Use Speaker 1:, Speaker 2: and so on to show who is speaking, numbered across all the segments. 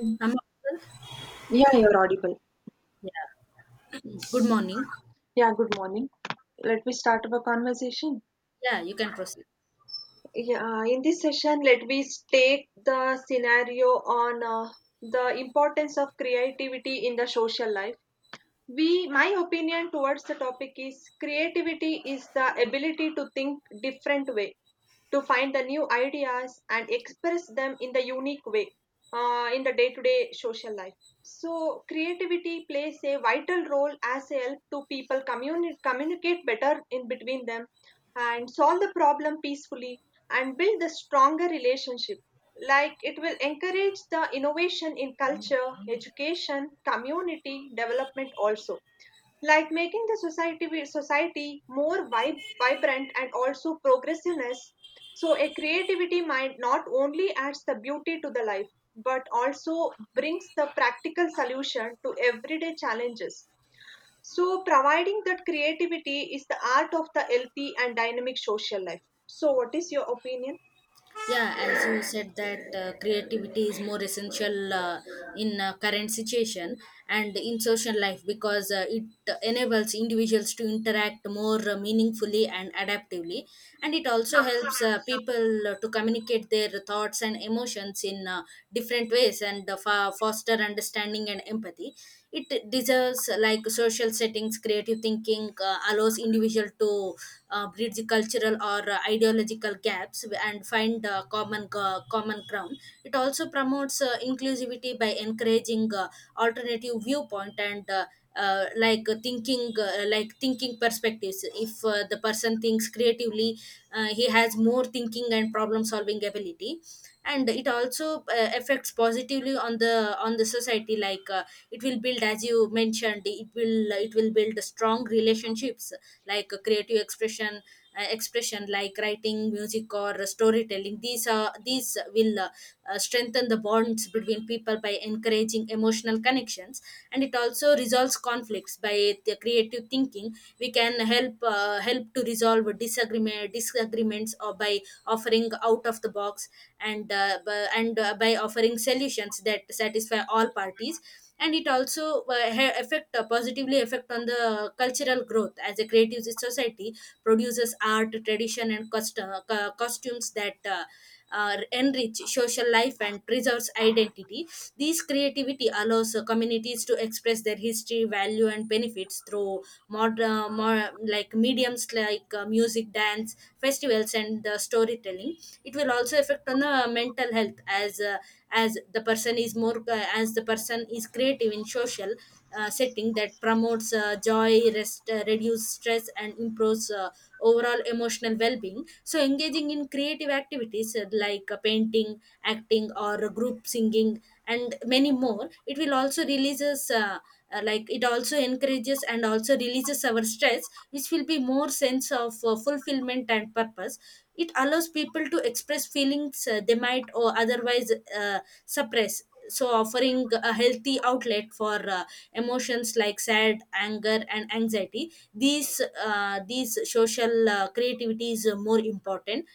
Speaker 1: Um,
Speaker 2: I'm Afzal.
Speaker 1: yeah, you're audible.
Speaker 2: Yeah. Good morning.
Speaker 1: Yeah, good morning. Let me start our conversation.
Speaker 2: Yeah, you can proceed.
Speaker 1: Yeah, in this session, let me take the scenario on the importance of creativity in the social life. We, my opinion towards the topic is creativity is the ability to think different way to find the new ideas and express them in the unique way in the day-to-day social life. So creativity plays a vital role as a help to people communicate better in between them and solve the problem peacefully and build the stronger relationship, like it will encourage the innovation in culture education community development also, like making the society more vibrant and also progressiveness. So a creativity mind not only adds the beauty to the life but also brings the practical solution to everyday challenges, so providing that creativity is the art of the healthy and dynamic social life. So what is your opinion?
Speaker 2: Yeah, as you said that creativity is more essential in current situation and in social life because it enables individuals to interact more meaningfully and adaptively, and it also helps people to communicate their thoughts and emotions in different ways and foster understanding and empathy. It deserves like social settings, creative thinking allows individual to bridge cultural or ideological gaps and find common ground. It also promotes inclusivity by encouraging alternative viewpoint and like thinking perspectives. If the person thinks creatively, he has more thinking and problem solving ability, and it also affects positively on the society. Like it will, build as you mentioned, it will build strong relationships. Like creative expression, expression like writing, music, or storytelling, these will strengthen the bonds between people by encouraging emotional connections. And it also resolves conflicts. By the creative thinking we can help, help to resolve disagreements, or by offering out of the box and by offering solutions that satisfy all parties. And it also affect, positively affect, on the cultural growth, as a creative society produces art, tradition, and costumes that enrich social life and preserves identity. This creativity allows communities to express their history, value, and benefits through mod- more like mediums like music, dance, festivals, and storytelling. It will also affect on the mental health, as the person is more as the person is creative in social setting, that promotes joy, rest, reduce stress, and improves overall emotional well-being. So engaging in creative activities like painting, acting, or group singing, and many more, it will also releases like it also encourages and also releases our stress, which will be more sense of fulfillment and purpose. It allows people to express feelings they might or otherwise uh, suppress, so offering a healthy outlet for emotions like sad, anger, and anxiety. These these social creativity is more important.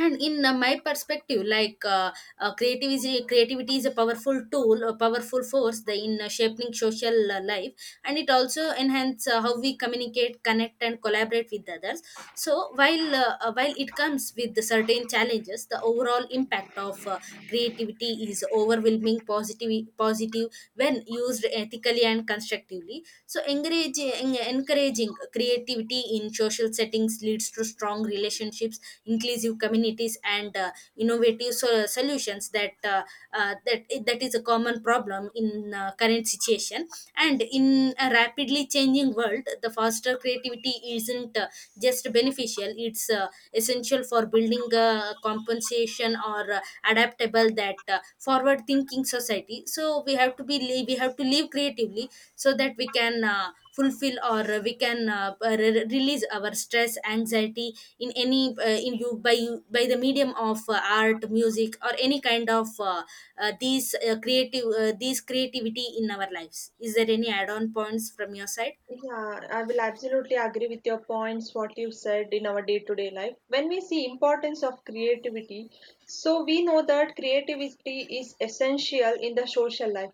Speaker 2: And in my perspective, like creativity is a powerful tool, a powerful force, the, in shaping social life. And it also enhance how we communicate, connect, and collaborate with others. So while while it comes with the certain challenges, the overall impact of creativity is overwhelming positive, when used ethically and constructively. So encouraging creativity in social settings leads to strong relationships, inclusive communities, and innovative solutions that is a common problem in current situation. And in a rapidly changing world, the foster creativity isn't just beneficial, it's essential for building a compensation or adaptable, that forward thinking society. So we have to live creatively, so that we can fulfill or release our stress, anxiety, in any in you, by the medium of art, music, or any kind of these creativity in our lives. Is there any add on points from your side?
Speaker 1: Yeah, I will absolutely agree with your points, what you said in our day-to-day life. When we see importance of creativity, so we know that creativity is essential in the social life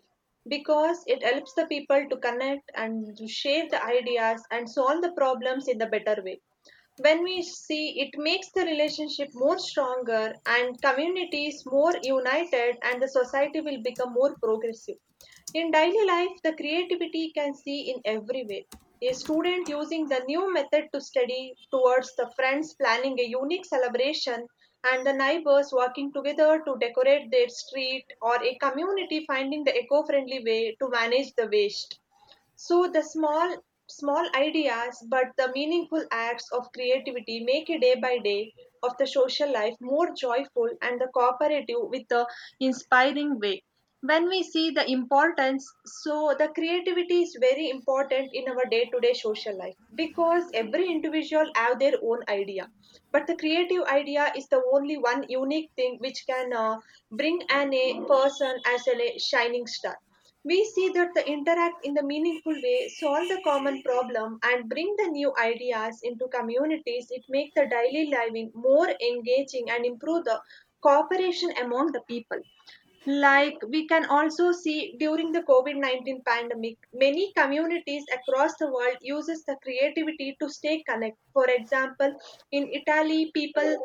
Speaker 1: because it helps the people to connect and to share the ideas and solve the problems in the better way. When we see, it makes the relationship more stronger and communities more united and the society will become more progressive. In daily life the creativity can see in every way: a student using the new method to study towards the friends planning a unique celebration and the neighbors working together to decorate their street or a community finding the eco-friendly way to manage the waste. So the small ideas but the meaningful acts of creativity make a day by day of the social life more joyful and the cooperative with the inspiring way. When we see the importance, so the creativity is very important in our day to day social life because every individual have their own idea, but the creative idea is the only one unique thing which can bring an a person as a shining star. We see that they interact in the meaningful way, solve the common problem, and bring the new ideas into communities. It makes the daily living more engaging and improve the cooperation among the people. Like we can also see during the COVID 19 pandemic, many communities across the world uses the creativity to stay connected. For example, in Italy, people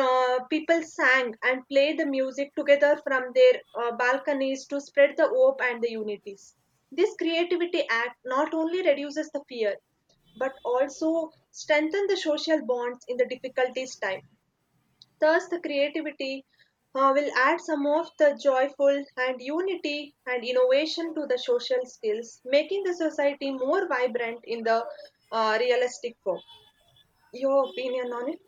Speaker 1: people sang and played the music together from their balconies to spread the hope and the unities. This creativity act not only reduces the fear but also strengthen the social bonds in the difficulties time. Thus, the creativity will add some of the joyful and unity and innovation to the social skills, making the society more vibrant in the realistic form. Your opinion on it?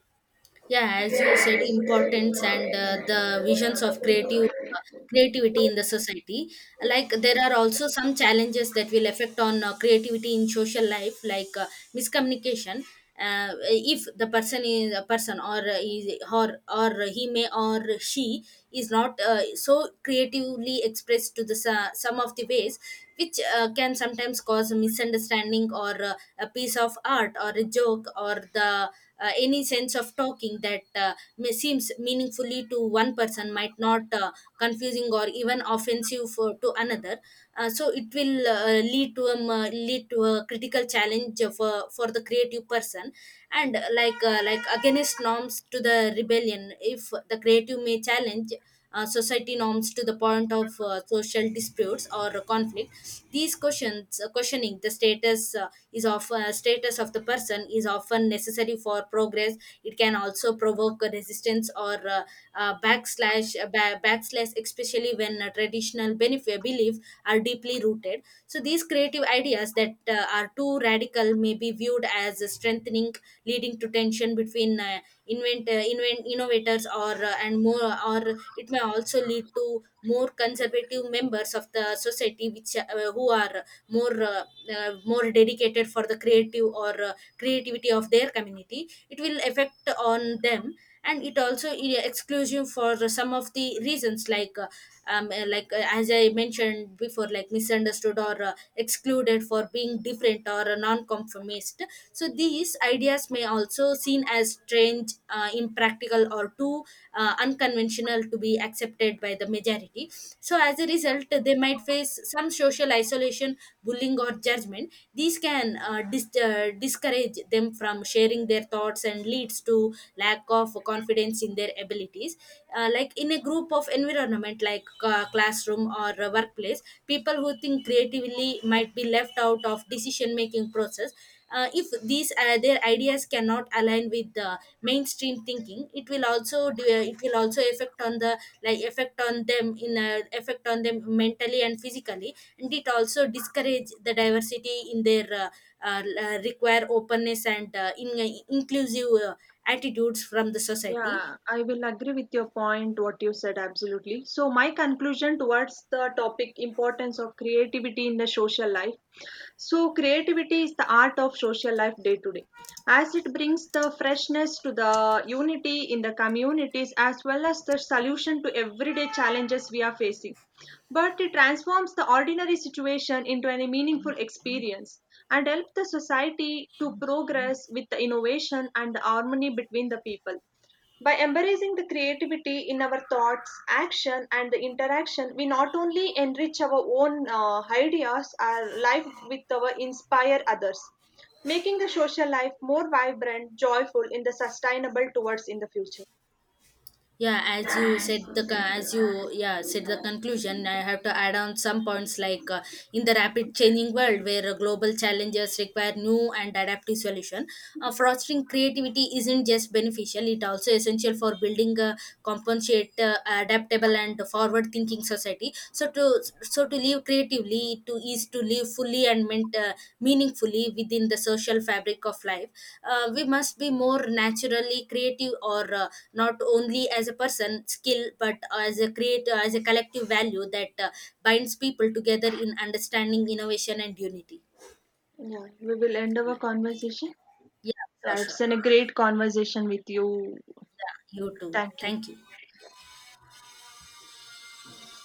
Speaker 2: Yeah, as you said, importance and the visions of creative creativity in the society, like there are also some challenges that will affect on creativity in social life, like miscommunication. If the person is a person, or is, or he may or she is not so creatively expressed to the some of the ways which can sometimes cause a misunderstanding, or a piece of art or a joke or the any sense of talking that may seems meaningfully to one person might not confusing or even offensive for, to another. So it will lead to a critical challenge for the creative person. And like against norms to the rebellion, if the creative may challenge society norms to the point of social disputes or conflict. These questions, questioning the status of the person is often necessary for progress. It can also provoke a resistance, or backslash, backslash, especially when traditional benefit belief are deeply rooted. So these creative ideas that are too radical may be viewed as strengthening, leading to tension between invent innovators, or and more, or it may also lead to more conservative members of the society, which who are more more dedicated for the creative or creativity of their community. It will affect on them. And it also exclusive for some of the reasons, like as I mentioned before, like misunderstood or excluded for being different or a non-conformist. So these ideas may also seen as strange, impractical, or too unconventional to be accepted by the majority. So as a result, they might face some social isolation, bullying, or judgment. These can discourage them from sharing their thoughts and leads to lack of confidence in their abilities. Like in a group of environment, like classroom or a workplace, people who think creatively might be left out of decision making process. If these their ideas cannot align with the mainstream thinking, it will also do, it will also affect on the, effect on them mentally and physically. And it also discourage the diversity in their require openness and inclusive attitudes from the society.
Speaker 1: Yeah, I will agree with your point, what you said, absolutely. So, my conclusion towards the topic importance of creativity in the social life. So, creativity is the art of social life day to day, as it brings the freshness to the unity in the communities as well as the solution to everyday challenges we are facing, but it transforms the ordinary situation into a meaningful experience and help the society to progress with the innovation and the harmony between the people. By embracing the creativity in our thoughts, action, and the interaction, we not only enrich our own ideas, our life with our inspire others, making the social life more vibrant, joyful, in the sustainable towards in the future.
Speaker 2: Yeah, as you said the co- as you yeah said the conclusion, I have to add on some points like in the rapid changing world where global challenges require new and adaptive solution, fostering creativity isn't just beneficial, it also essential for building a compensate, adaptable, and forward thinking society. So to so to live creatively to is to live fully and meaningfully within the social fabric of life. We must be more naturally creative, or not only as a person skill, but as a create as a collective value that binds people together in understanding, innovation, and unity.
Speaker 1: Yeah, we will end our
Speaker 2: Yeah.
Speaker 1: conversation.
Speaker 2: Yeah, sure,
Speaker 1: Yeah, it's
Speaker 2: sure.
Speaker 1: been a great conversation with you.
Speaker 2: Yeah, you too.
Speaker 1: Thank you.
Speaker 2: Thank you.